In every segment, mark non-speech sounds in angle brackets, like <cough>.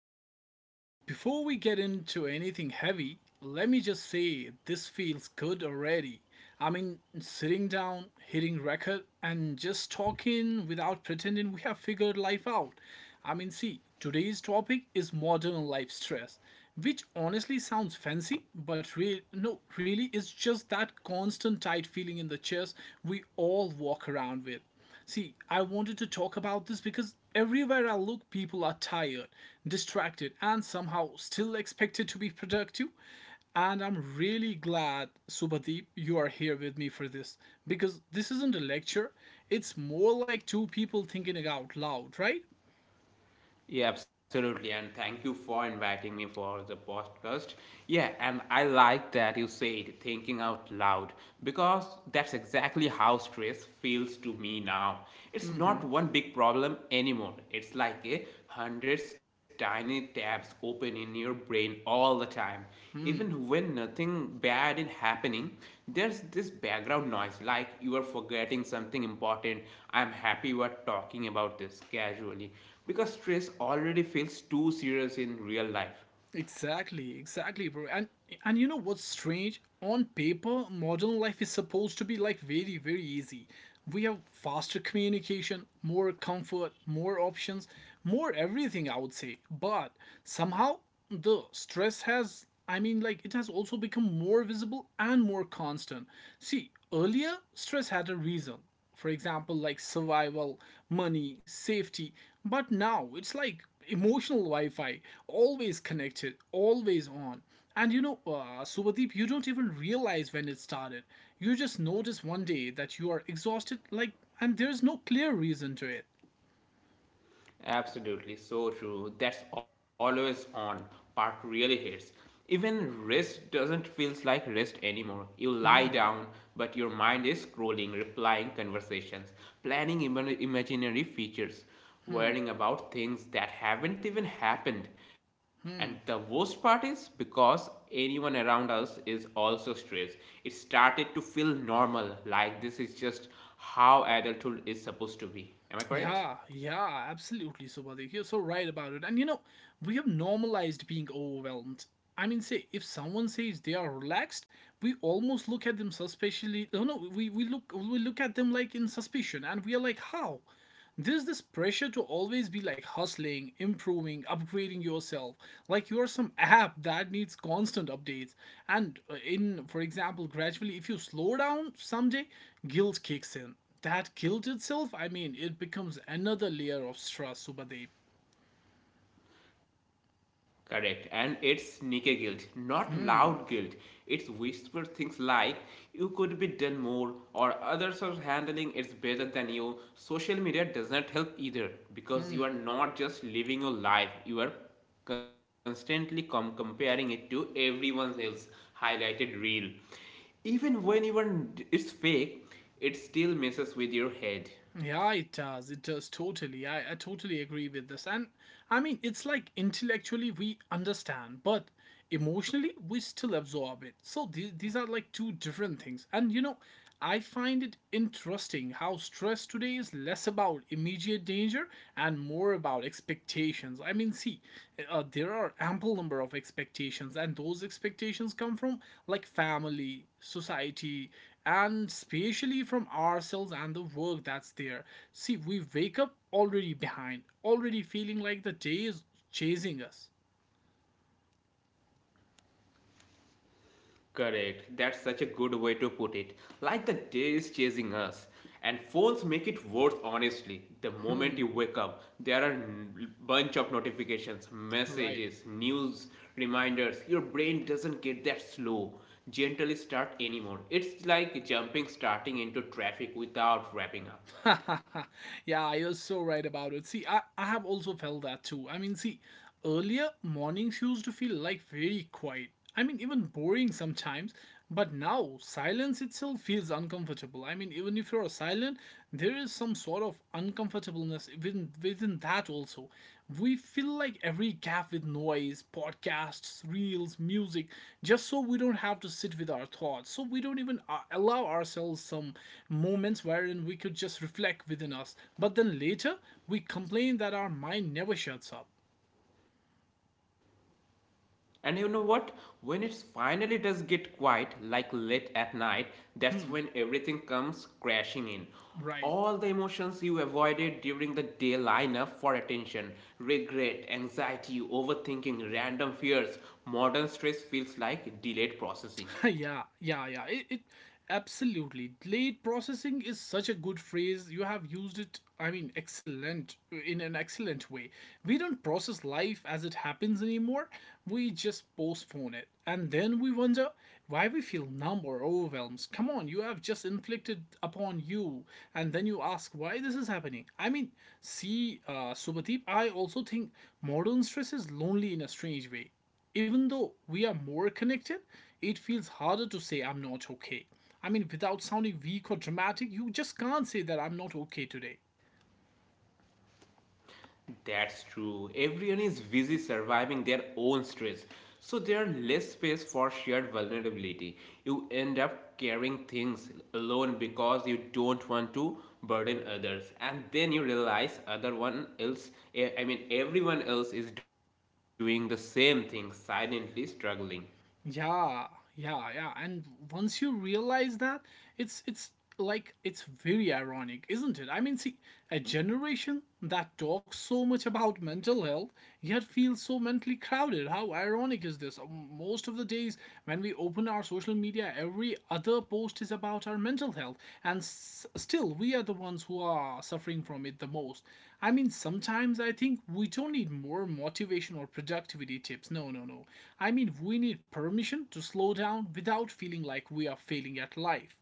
alright. So before we get into anything heavy, let me just say this feels good already. I mean, sitting down, hitting record, and just talking without pretending we have figured life out. I mean, see, today's topic is modern life stress, which honestly sounds fancy, but real no, really is just that constant tight feeling in the chest we all walk around with. See, I wanted to talk about this because everywhere I look, people are tired, distracted, and somehow still expected to be productive. And I'm really glad, Subhadeep, you are here with me for this because this isn't a lecture. It's more like two people thinking it out loud, right? Yeah, absolutely. And thank you for inviting me for the podcast. Yeah, and I like that you said thinking out loud because that's exactly how stress feels to me now. It's not one big problem anymore. It's like a hundreds tiny tabs open in your brain all the time. Even when nothing bad is happening, there's this background noise like you are forgetting something important. I'm happy you are talking about this casually because stress already feels too serious in real life. Exactly, exactly, bro. And you know what's strange? On paper, modern life is supposed to be like very, very easy. We have faster communication, more comfort, more options, more everything, I would say. But somehow the stress has I mean like it has also become more visible and more constant. See, earlier stress had a reason. For example, like survival, money, safety. But now it's like emotional Wi-Fi, always connected, always on. And you know, Subhadeep, you don't even realize when it started. You just notice one day that you are exhausted, like, and there's no clear reason to it. Absolutely, so true. That's always on. Park really hits. Even rest doesn't feels like rest anymore. You lie down, Hmm. but your mind is scrolling, replying conversations, planning imaginary features, worrying about things that haven't even happened. And the worst part is because anyone around us is also stressed. It started to feel normal, like this is just how adulthood is supposed to be. Am I correct? Yeah, yeah, absolutely, Subhadik. You're so right about it. And you know, we have normalized being overwhelmed. I mean, say, if someone says they are relaxed, we almost look at them suspiciously. No, no, we look at them like in suspicion, and we are like, how? There's this pressure to always be like hustling, improving, upgrading yourself. Like you are some app that needs constant updates. And for example, gradually, if you slow down someday, guilt kicks in that killed itself, I mean, it becomes another layer of stress over the. Correct. And it's sneaky guilt, not loud guilt. It's whispered things like, you could be done more, or others are handling it better than you. Social media does not help either because you are not just living your life, you are constantly comparing it to everyone else highlighted reel. Even when even it's fake, it still messes with your head. Yeah, it does. It does totally. I totally agree with this. And I mean, it's like intellectually we understand, but emotionally we still absorb it. So these are like two different things. And you know, I find it interesting how stress today is less about immediate danger and more about expectations. I mean, see, there are ample number of expectations, and those expectations come from like family, society, and especially from ourselves and the work that's there. See, we wake up already behind, already feeling like the day is chasing us. Correct. That's such a good way to put it. Like the day is chasing us. And phones make it worse, honestly. The moment you Hmm, wake up, there are a bunch of notifications, right. messages, news, reminders. Your brain doesn't get that slow, gently start anymore. It's like jumping, starting into traffic without wrapping up. <laughs> Yeah, you're so right about it. See, I have also felt that too. I mean, see, earlier mornings used to feel like very quiet. I mean, even boring sometimes, but now silence itself feels uncomfortable. I mean, even if you're silent, there is some sort of uncomfortableness even within that also we fill like every gap with noise, podcasts, reels, music, just so we don't have to sit with our thoughts, so we don't even allow ourselves some moments wherein we could just reflect within us, but then later we complain that our mind never shuts up, And you know what? When it finally does get quiet, like late at night, that's when everything comes crashing in. right? All the emotions you avoided during the day line up for attention regret, anxiety, overthinking, random fears. Modern stress feels like delayed processing. <laughs> Yeah, yeah, yeah. It absolutely, late processing is such a good phrase. You have used it. I mean, excellent, in an excellent way. We don't process life as it happens anymore. We just postpone it, and then we wonder why we feel numb or overwhelmed. Come on, you have just inflicted upon you, and then you ask why this is happening. I mean, see, Subhadeep, I also think modern stress is lonely in a strange way, even though we are more connected, it feels harder to say I'm not okay. I mean, without sounding weak or dramatic, you just can't say that I'm not okay today. That's true. Everyone is busy surviving their own stress, so there are less space for shared vulnerability. You end up carrying things alone because you don't want to burden others, and then you realize other one else, everyone else is doing the same thing, silently struggling. Yeah, yeah, yeah. And once you realize that, it's like it's very ironic, isn't it? I mean, see, a generation that talks so much about mental health yet feels so mentally crowded. How ironic is this? Most of the days when we open our social media, every other post is about our mental health, and still we are the ones who are suffering from it the most. I mean, sometimes I think we don't need more motivation or productivity tips. No, no, no. I mean, we need permission to slow down without feeling like we are failing at life.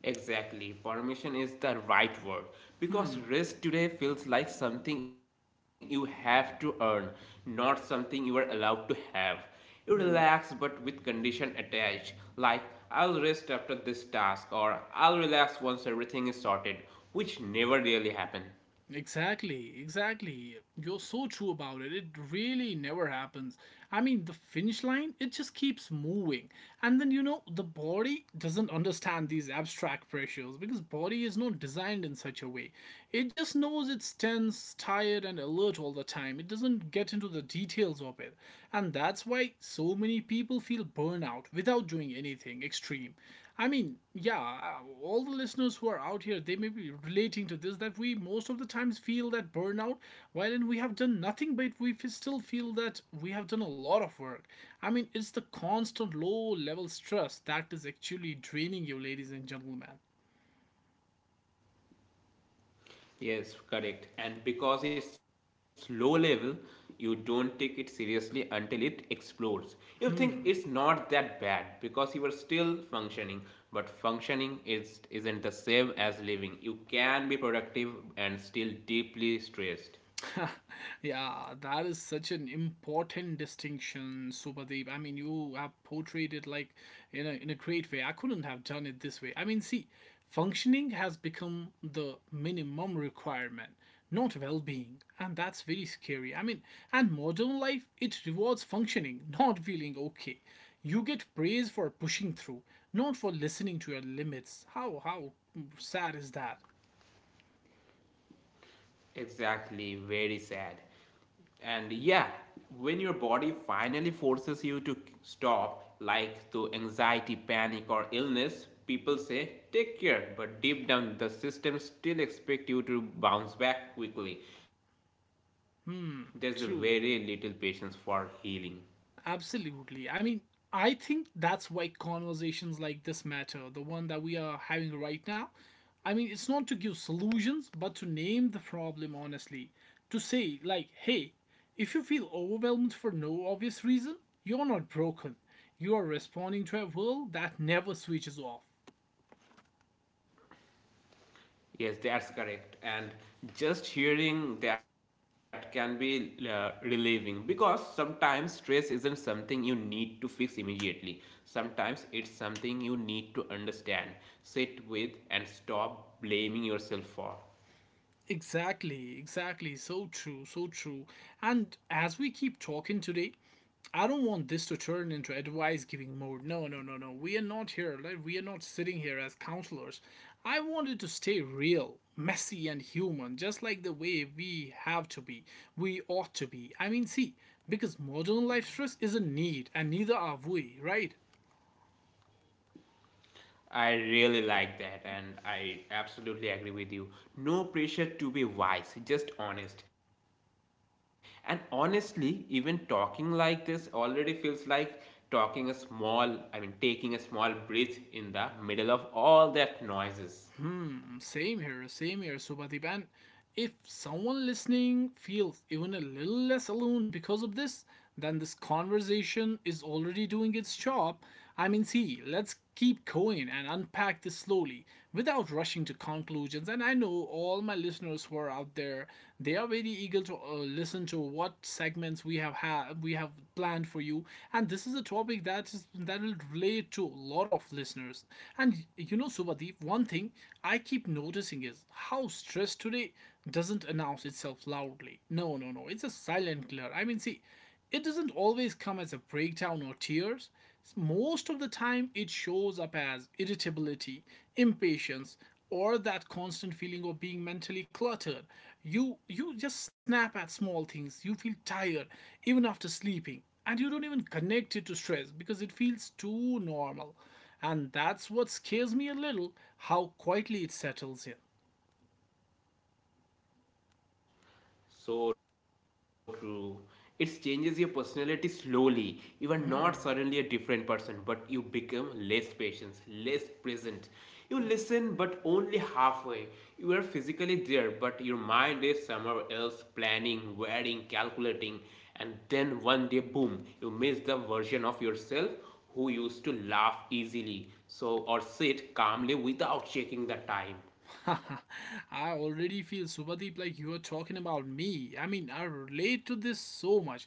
Exactly. Permission is the right word because Hmm, rest today feels like something you have to earn, not something you are allowed to have. You relax but hmm. with condition attached, like I'll rest after this task or I'll relax once everything is sorted, which never really happen. Exactly, exactly. You're so true about it. It really never happens. I mean, the finish line, it just keeps moving. And then you know, the body doesn't understand these abstract pressures because body is not designed in such a way. It just knows it's tense, tired and alert all the time. It doesn't get into the details of it. And that's why so many people feel burnout without doing anything extreme. I mean, yeah, all the listeners who are out here, they may be relating to this, that we most of the times feel that burnout, wherein we have done nothing, but we still feel that we have done a lot of work. I mean, it's the constant low level stress that is actually draining you, ladies and gentlemen. Yes, correct. And because it's low level, you don't take it seriously until it explodes. You think it's Hmm. not that bad because you are still functioning, but functioning is isn't the same as living. You can be productive and still deeply stressed. <laughs> Yeah, that is such an important distinction, Subhadeep. I mean, you have portrayed it like in a great way. I couldn't have done it this way. I mean, see, functioning has become the minimum requirement, not well being. And that's very scary. I mean, and modern life, it rewards functioning, <laughs> not feeling okay. You get praise for pushing through, not for listening to your limits. How sad is that? Exactly, very sad. And yeah, when your body finally forces you to stop, like through anxiety, panic, or illness, people say take care, but deep down the system still expect you to bounce back quickly. There's a very little patience for True. healing. Absolutely. I mean, I think that's why conversations like this matter, the one that we are having right now. I mean, it's not to give solutions, but to name the problem honestly. To say, like, hey, if you feel overwhelmed for no obvious reason, you're not broken. You are responding to a world that never switches off. Yes, that's correct. And just hearing that can be relieving because sometimes stress isn't something you need to fix immediately. Sometimes it's something you need to understand, sit with, and stop blaming yourself for. Exactly, exactly. So true, so true. And as we keep talking today, I don't want this to turn into advice giving mode. No, no, no, no. We are not here. Like, we are not sitting here as counselors. I wanted to stay real, messy, and human, just like the way we have to be. We ought to be. I mean, see, because modern life stress is a need, and neither are we, right? I really like that, and I absolutely agree with you. No pressure to be wise, just honest. And honestly, even talking like this already feels like talking a small, I mean, taking a small breath in the middle of all that noises. Mm, same here, same here, Subhadipan. If someone listening feels even a little less alone because of this, then this conversation is already doing its job. I mean, see, let's keep going and unpack this slowly without rushing to conclusions. And I know all my listeners who are out there, they are very eager to listen to what segments we have planned for you, and this is a topic that will relate to a lot of listeners. And you know, Subhadeep, one thing I keep noticing is how stress today doesn't announce itself loudly. No, no, no, it's a silent killer. I mean, see, it doesn't always come as a breakdown or tears. Most of the time, it shows up as irritability, impatience, or that constant feeling of being mentally cluttered. You just snap at small things. You feel tired even after sleeping, and you don't even connect it to stress because it feels too normal. And that's what scares me a little, how quietly it settles in. So true. It changes your personality slowly. You are not suddenly a different person, but you become less patient, less present. You listen, but only halfway. You are physically there, but your mind is somewhere else, planning, worrying, calculating. And then one day, boom, you miss the version of yourself who used to laugh easily so or sit calmly without checking the <laughs> time. I already feel, Subhadeep, like you are talking about me. I mean, I relate to this so much.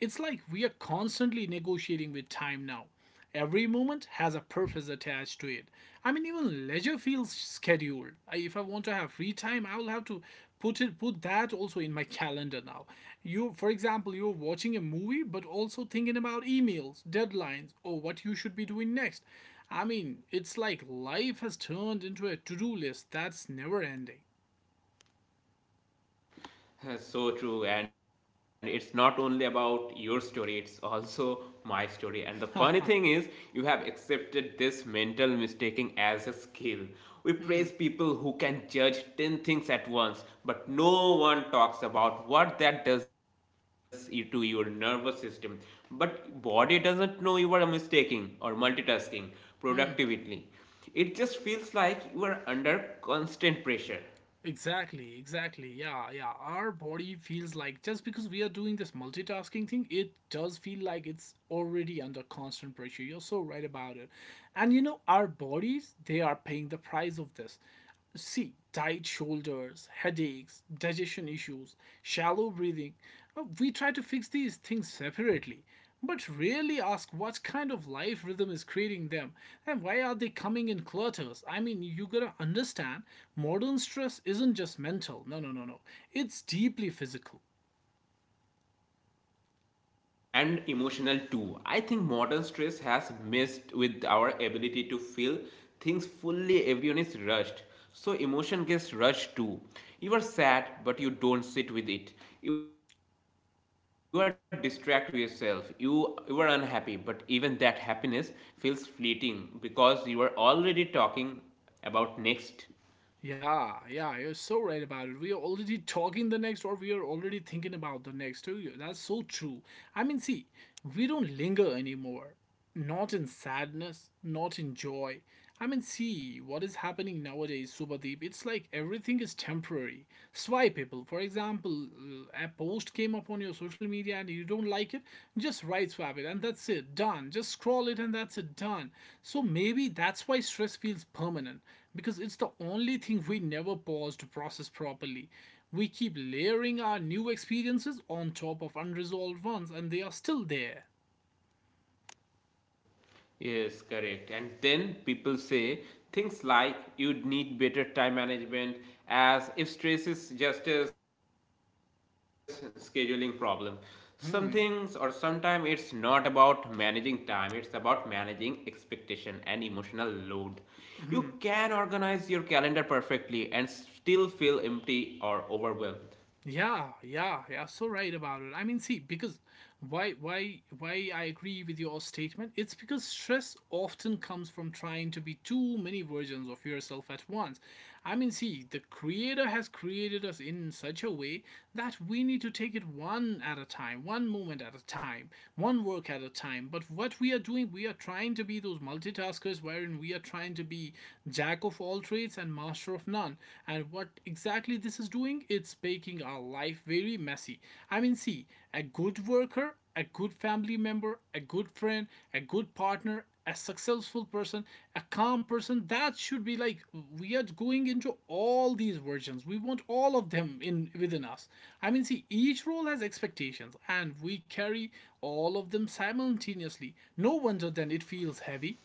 It's like we are constantly negotiating with time now. Every moment has a purpose attached to it. I mean, even leisure feels scheduled. If I want to have free time, I will have to put that also in my calendar now. You, for example, you're watching a movie, but also thinking about emails, deadlines, or what you should be doing next. I mean, it's like life has turned into a to do list that's never ending. <laughs> So true, and it's not only about your story, it's also my story. And the funny thing is, you have accepted this mental mistaking as a skill. We praise people who can judge 10 things at once, but no one talks about what that does to your nervous system. But body doesn't know you are mistaking or multitasking productively. It just feels like you are under constant pressure. Exactly, exactly. Yeah, yeah. Our body feels like, just because we are doing this multitasking thing, it does feel like it's already under constant pressure. You're so right about it. And you know, our bodies, they are paying the price of this. See, tight shoulders, headaches, digestion issues, shallow breathing. We try to fix these things separately, but really ask what kind of life rhythm is creating them, and why are they coming in clutters. I mean, you gotta understand, modern stress isn't just mental. No, no, no, no, it's deeply physical. And emotional too. I think modern stress has messed with our ability to feel things fully. Everyone is rushed. So emotion gets rushed too. You are sad, but you don't sit with it. You are distract yourself. You are unhappy, but even that happiness feels fleeting because you are already talking about next. Yeah, yeah, you're so right about it. We are already talking the next, or we are already thinking about the next too. Yeah, that's so true. I mean, see, we don't linger anymore. Not in sadness, not in joy. I mean, see, what is happening nowadays, Subhadeep? It's like everything is temporary. That's why people, for example, a post came up on your social media and you don't like it, just right swap it and that's it, done. Just scroll it and that's it, done. So maybe that's why stress feels permanent because it's the only thing we never pause to process properly. We keep layering our new experiences on top of unresolved ones and they are still there. Yes, correct. And then people say things like you'd need better time management as if stress is just a scheduling problem. Some things or sometimes it's not about managing time, it's about managing expectation and emotional load. You can organize your calendar perfectly and still feel empty or overwhelmed. Yeah, yeah, yeah, so right about it. I mean, see, because why I agree with your statement. It's because stress often comes from trying to be too many versions of yourself at once. I mean, see, the creator has created us in such a way that we need to take it one at a time, one moment at a time, one work at a time. But what we are doing, we are trying to be those multitaskers, wherein we are trying to be jack of all trades and master of none. And what exactly this is doing? It's making our life very messy. I mean, see, a good worker, a good family member, a good friend, a good partner, a successful person, a calm person, that should be like we are going into all these versions. We want all of them in within us. I mean, see, each role has expectations, and we carry all of them simultaneously. No wonder then it feels heavy.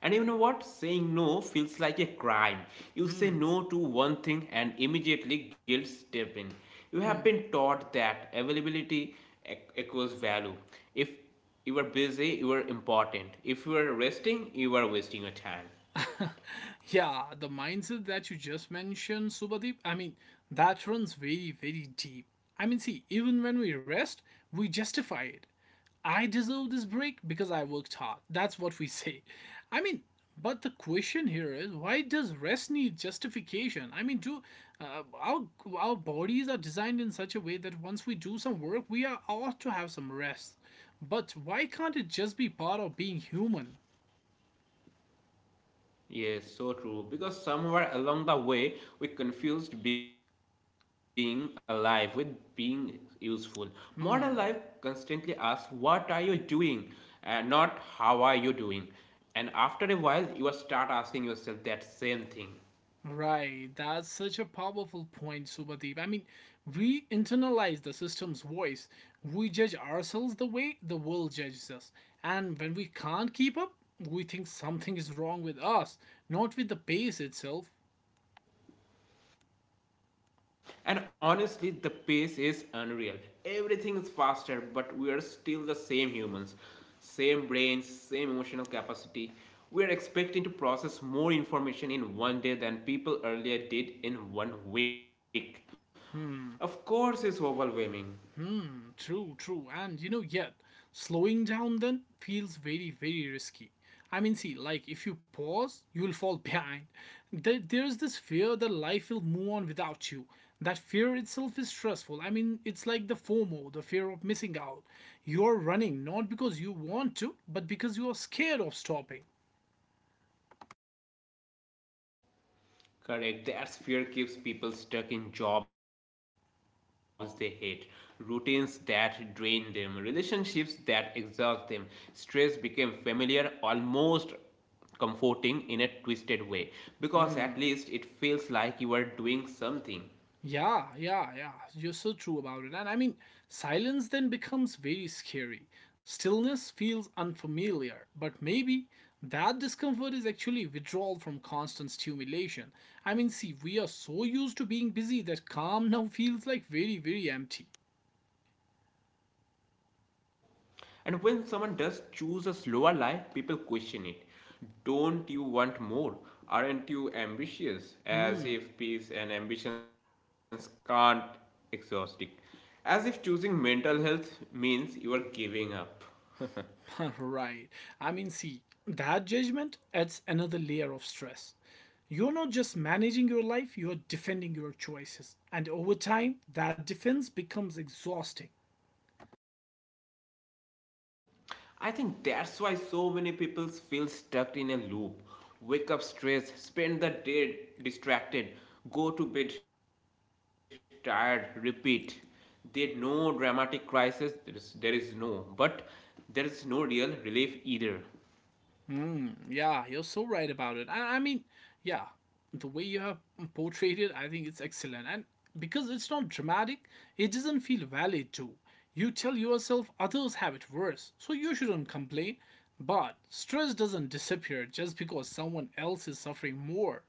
And you know what? Saying no feels like a crime. You say no to one thing and immediately guilt steps in. You have been taught that availability equals value. If you are busy, you are important. If you are resting, you are wasting your time. <laughs> Yeah, the mindset that you just mentioned, Subhadeep, I mean, that runs very, very deep. I mean, see, even when we rest, we justify it. I deserve this break because I worked hard. That's what we <laughs> say. I mean, but the question here is why does rest need justification? I mean, do our bodies are designed in such a way that once we do some work, we are ought to have some rest. But why can't it just be part of being human? Yes, so true. Because somewhere along the way, we confused being alive with being useful. Modern life constantly asks, what are you doing? And not how are you doing? And after a while, you are start asking yourself that same thing. Right, that's such a powerful point, Subhadeep. I mean, we internalize the system's voice. We judge ourselves the way the world judges us. And when we can't keep up, we think something is wrong with us, not with the pace itself. And honestly, the pace is unreal. Everything is faster, but we are still the same humans, same brains, same emotional capacity. We are expecting to process more information in one day than people earlier did in one week. Of course, it's overwhelming. Mm, true, true. And you know, yet slowing down then feels very, very risky. I mean, see, like if you pause, you will fall <laughs> behind. There's this fear that life will move on without you. That fear itself is stressful. I mean, it's like the FOMO, the fear of missing out. You're running not because you want to, but because you are scared of stopping. Correct. That's fear keeps people stuck in jobs they hate, routines that drain them, relationships that exhaust them. Stress became familiar, almost comforting in a twisted way, because at least it feels like you are doing something. Yeah, yeah, yeah, you're so true about it. And I mean, silence then becomes very scary. Stillness feels unfamiliar, but maybe that discomfort is actually withdrawal from constant stimulation. I mean, see, we are so used to being busy that calm now feels like very, very empty. And when someone does choose a slower life, people question it. Don't you want more? Aren't you ambitious? As if peace and ambitions can't exhaust it. As if choosing mental health means you are giving up. <laughs> <laughs> Right. I mean, see, that judgment adds another layer of stress. You're not just managing your life, you're defending your choices. And over time, that defense becomes exhausting. I think that's why so many people feel stuck in a loop. Wake up stressed, spend the day distracted, go to bed tired, repeat. There's no dramatic crisis, there is no real relief either. Mm, yeah, you're so right about it. I mean, yeah, the way you have portrayed it, I think it's excellent. And because it's not dramatic, it doesn't feel valid too. You tell yourself others have it worse, so you shouldn't complain. But stress doesn't disappear just because someone else is suffering more.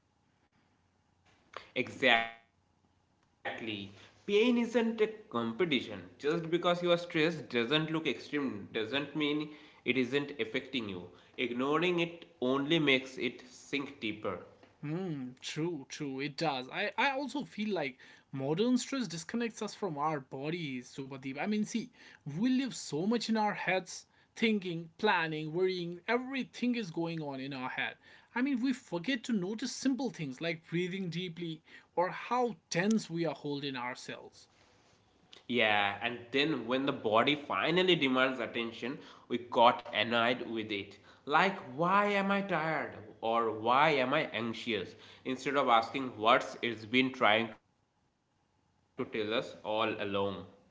Exactly. Pain isn't a competition. Just because you are stressed doesn't look extreme, doesn't mean it isn't affecting you. Ignoring it only makes it sink deeper. Hmm, true, true. It does. I also feel like modern stress disconnects us from our bodies, Subhadeep. I mean, see, we live so much in our heads, thinking, planning, worrying. Everything is going on in our head. I mean, we forget to notice simple things like breathing deeply or how tense we are holding ourselves. Yeah, and then when the body finally demands attention, we got annoyed with it. Like, why am I tired? Or why am I anxious? Instead of asking what it's been trying to tell us all along.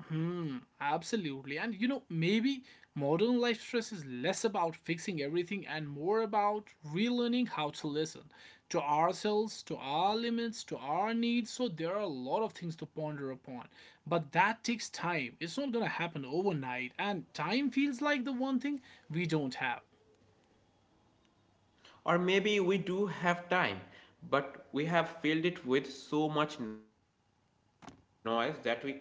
Hmm, absolutely. And you know, maybe modern life stress is less about fixing everything and more about relearning how to listen to ourselves, to our limits, to our needs. So there are a lot of things to ponder upon. But that takes time. It's not going to happen overnight. And time feels like the one thing we don't have. Or maybe we do have time, but we have filled it with so much noise that we can't access it.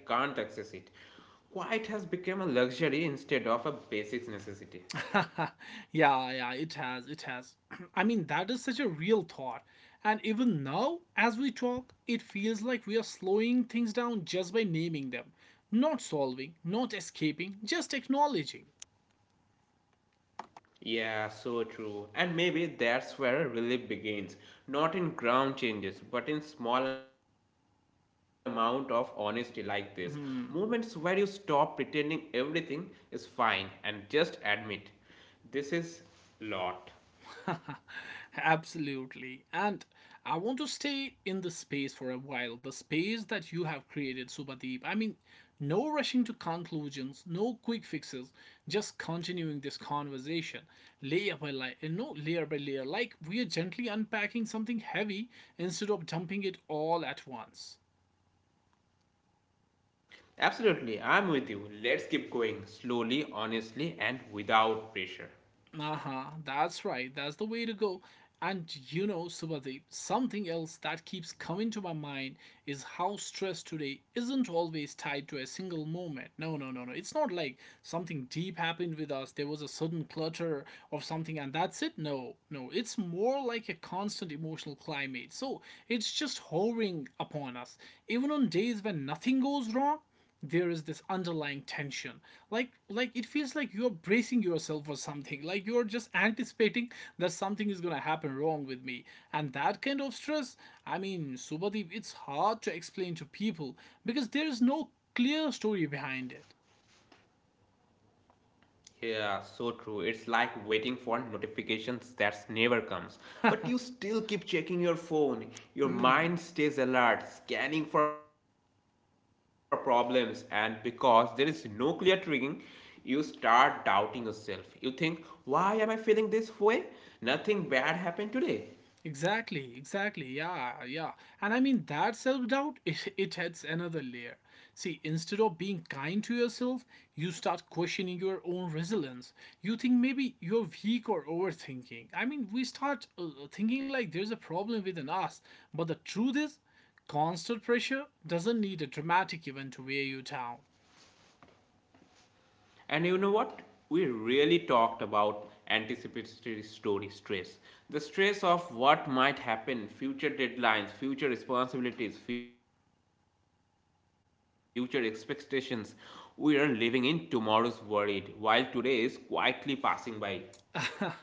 Quiet has become a luxury instead of a basic necessity. <laughs> Yeah, yeah, it has, it has. <clears throat> I mean, that is such a real thought. And even now, as we talk, it feels like we are slowing things down just by naming them. Not solving, not escaping, just acknowledging. Yeah, so true. And maybe that's where relief begins. Not in ground changes, but in small amount of honesty like this. Moments where you stop Hmm. pretending everything is fine and just admit this is lot. <laughs> Absolutely. And I want to stay in this space for a while, the space that you have created, Subhadeep. I mean, no rushing to conclusions, no quick fixes, just continuing this conversation layer by layer, no layer by layer, like we are gently unpacking something heavy instead of dumping it all at once. Absolutely, I'm with you. Let's keep going slowly, honestly, and without pressure. Uh huh. That's right. That's the way to go. And you know, Subhadeep, something else that keeps coming to my mind is how stress today isn't always tied to a single moment. No, no, no, no. It's not like something deep happened with us, there was a sudden clutter of something, and that's it. No, no. It's more like a constant emotional climate. So it's just hovering upon us. Even on days when nothing goes wrong, there is this underlying tension like it feels like you're bracing yourself for something, like you're just anticipating that something is going to happen wrong with me, and that kind of stress, I mean, Subhadeep, it's hard to explain to people because there is no clear story behind it. Yeah, so true. It's like waiting for notifications that never comes. But you still keep checking your phone. Your mind stays alert, scanning for problems, and because there is no clear triggering, you start doubting yourself. You think, why am I feeling this way? Nothing bad happened today. Exactly, exactly. Yeah, yeah. And I mean, that self doubt, <laughs> it adds another layer. See, instead of being kind to yourself, you start questioning your own resilience. You think maybe you're weak or overthinking. I mean, we start thinking like there's a problem within us. But the truth is, constant pressure doesn't need a dramatic event to wear you down. And you know what? We really talked about anticipatory story stress. The stress of what might happen, future deadlines, future responsibilities, future expectations. We are living in tomorrow's worried while today is quietly passing by.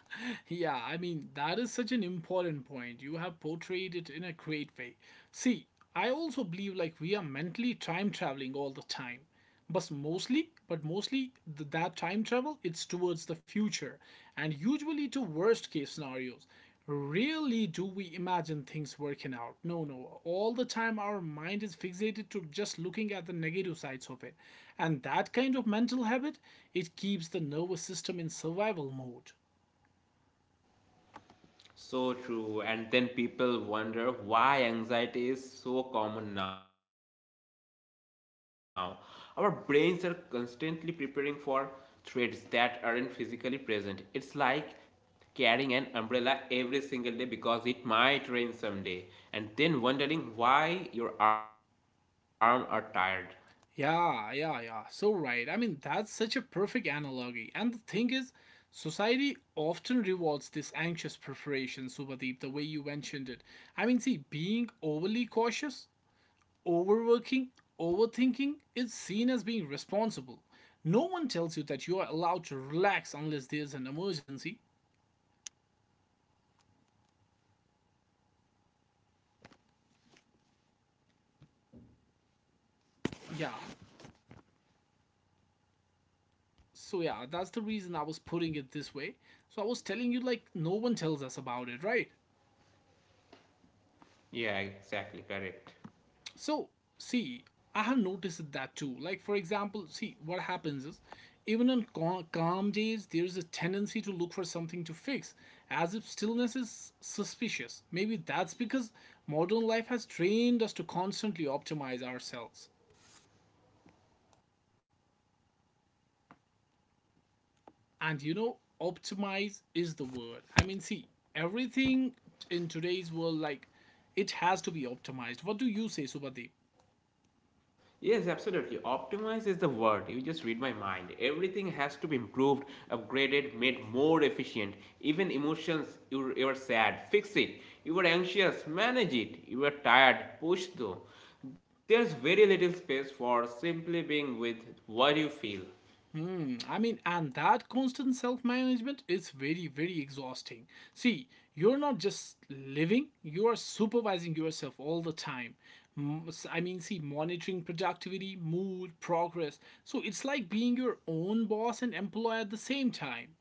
<laughs> Yeah, I mean, that is such an important point. You have portrayed it in a great way. See, I also believe like we are mentally time traveling all the time. But mostly, that time travel, it's towards the future and usually to worst case scenarios. Rarely do we imagine things working out. No, no. All the time our mind is fixated to just looking at the negative sides of it. And that kind of mental habit, it keeps the nervous system in survival mode. So true. And then people wonder why anxiety is so common now. Our brains are constantly preparing for threats that aren't physically present. It's like carrying an umbrella every single day because it might rain someday and then wondering why your arms are tired. Yeah, yeah, yeah, so right. I mean, that's such a perfect analogy. And the thing is, society often rewards this anxious preparation, Subhadeep, the way you mentioned it. I mean, see, being overly cautious, overworking, overthinking is seen as being responsible. No one tells you that you are allowed to relax unless there's an emergency. Yeah. So yeah, that's the reason I was putting it this way. So I was telling you like no one tells us about it, right? Yeah, exactly, correct. So, see, I have noticed that too. Like, for example, see, what happens is even on calm days, there is a tendency to look for something to fix, as if stillness is suspicious. Maybe that's because modern life has trained us to constantly optimize ourselves. And you know, optimize is the word. I mean, see, everything in today's world, like, it has to be optimized. What do you say, Subhadeep? Yes, absolutely, optimize is the word. You just read my mind. Everything has to be improved, upgraded, made more efficient. Even emotions, you are sad, fix it. You are anxious, manage it. You are tired, push through. There's very little space for simply being with what you feel. Mm, I mean, and that constant self management is very, very exhausting. See, you're not just living, you are supervising yourself all the time. Mm, mean, see, monitoring productivity, mood, progress. So it's like being your own boss and employer at the same time.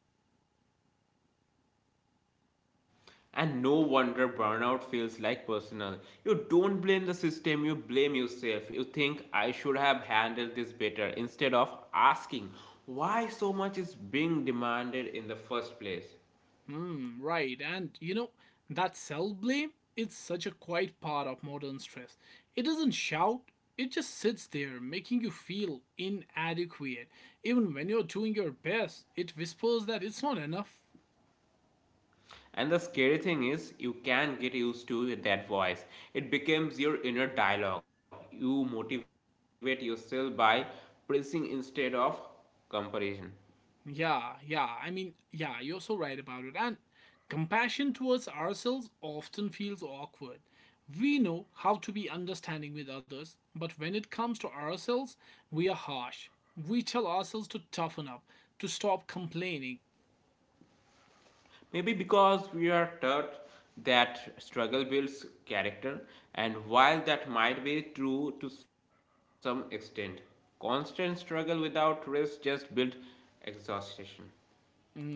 And no wonder burnout feels like personal. You don't blame the system, you blame yourself. You think I should have handled this better instead of asking why so much is being demanded in the first place. Hmm, right, and you know, that self blame, it's such a quiet part of modern stress. It doesn't shout, it just sits there, making you feel inadequate. Even when you're doing your best, it whispers that it's not enough. And the scary thing is, you can get used to that voice. It becomes your inner dialogue. You motivate yourself by praising instead of comparison. Yeah, yeah. I mean, yeah, you're so right about it. And compassion towards ourselves often feels awkward. We know how to be understanding with others, but when it comes to ourselves, we are harsh. We tell ourselves to toughen up, to stop complaining. Maybe because we are taught that struggle builds character, and while that might be true to some extent, constant struggle without rest just builds exhaustion.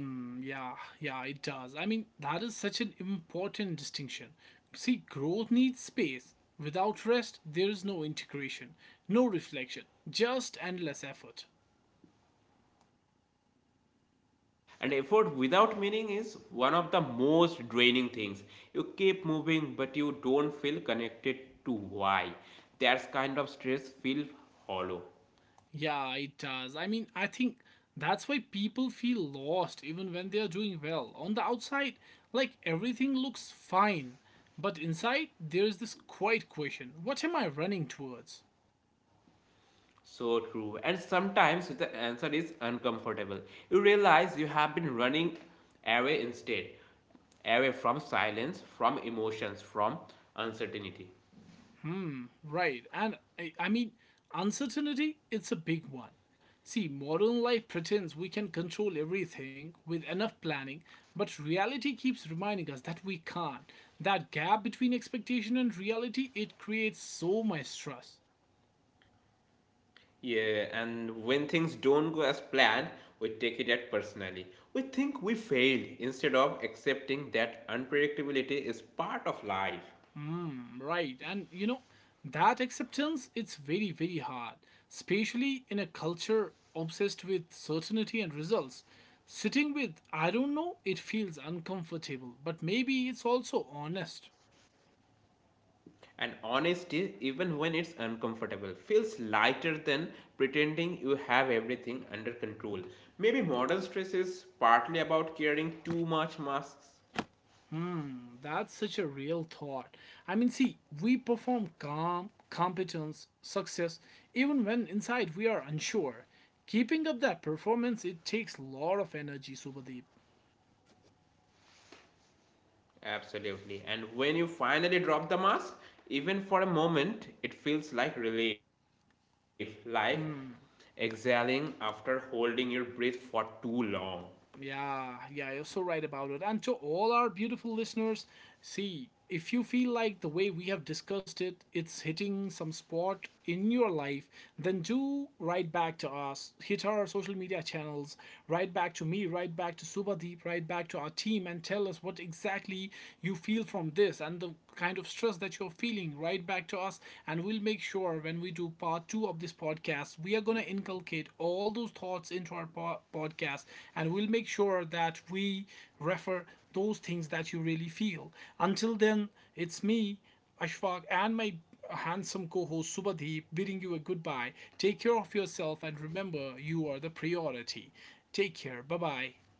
Mm, yeah, yeah, it does. I mean, that is such an important distinction. See, growth needs space. Without rest, there is no integration, no reflection, just endless effort. And effort without meaning is one of the most draining things. You keep moving, but you don't feel connected to why. That kind of stress feels hollow. Yeah, it does. I mean, I think that's why people feel lost even when they are doing well. On the outside, like everything looks fine, but inside there is this quiet question, what am I running towards? So true. And sometimes the answer is uncomfortable. You realize you have been running away instead, away from silence, from emotions, from uncertainty. Right, and I mean, uncertainty, it's a big one. See, modern life pretends we can control everything with enough planning, but reality keeps reminding us that we can't. That gap between expectation and reality, it creates so much stress. Yeah, and when things don't go as planned, we take it at personally. We think we failed instead of accepting that unpredictability is part of life. Hmm, right. And you know, that acceptance, it's very very hard, especially in a culture obsessed with certainty and results. Sitting with I don't know, it feels uncomfortable, but maybe it's also honest. And honesty, even when it's uncomfortable, feels lighter than pretending you have everything under control. Maybe modern stress is partly about carrying too much masks. That's such a real thought. I mean, see, we perform calm, competence, success, even when inside we are unsure. Keeping up that performance, it takes a lot of energy, Subhadeep. Absolutely. And when you finally drop the mask, even for a moment, it feels like relief, like exhaling after holding your breath for too long. Yeah, yeah, you're so right about it. And to all our beautiful listeners, see, if you feel like the way we have discussed it, it's hitting some spot in your life, then do write back to us. Hit our social media channels, write back to me, write back to Subhadeep, write back to our team, and tell us what exactly you feel from this and the kind of stress that you're feeling. Write back to us podcast and we'll make sure when we do part two of this podcast we are going to inculcate all those thoughts into our podcast, and we'll make sure that we refer those things that you really feel. Until then, it's me, Ashfaq, and my handsome co-host Subhadeep bidding you a goodbye. Take care of yourself and remember you are the priority. Take care, bye bye.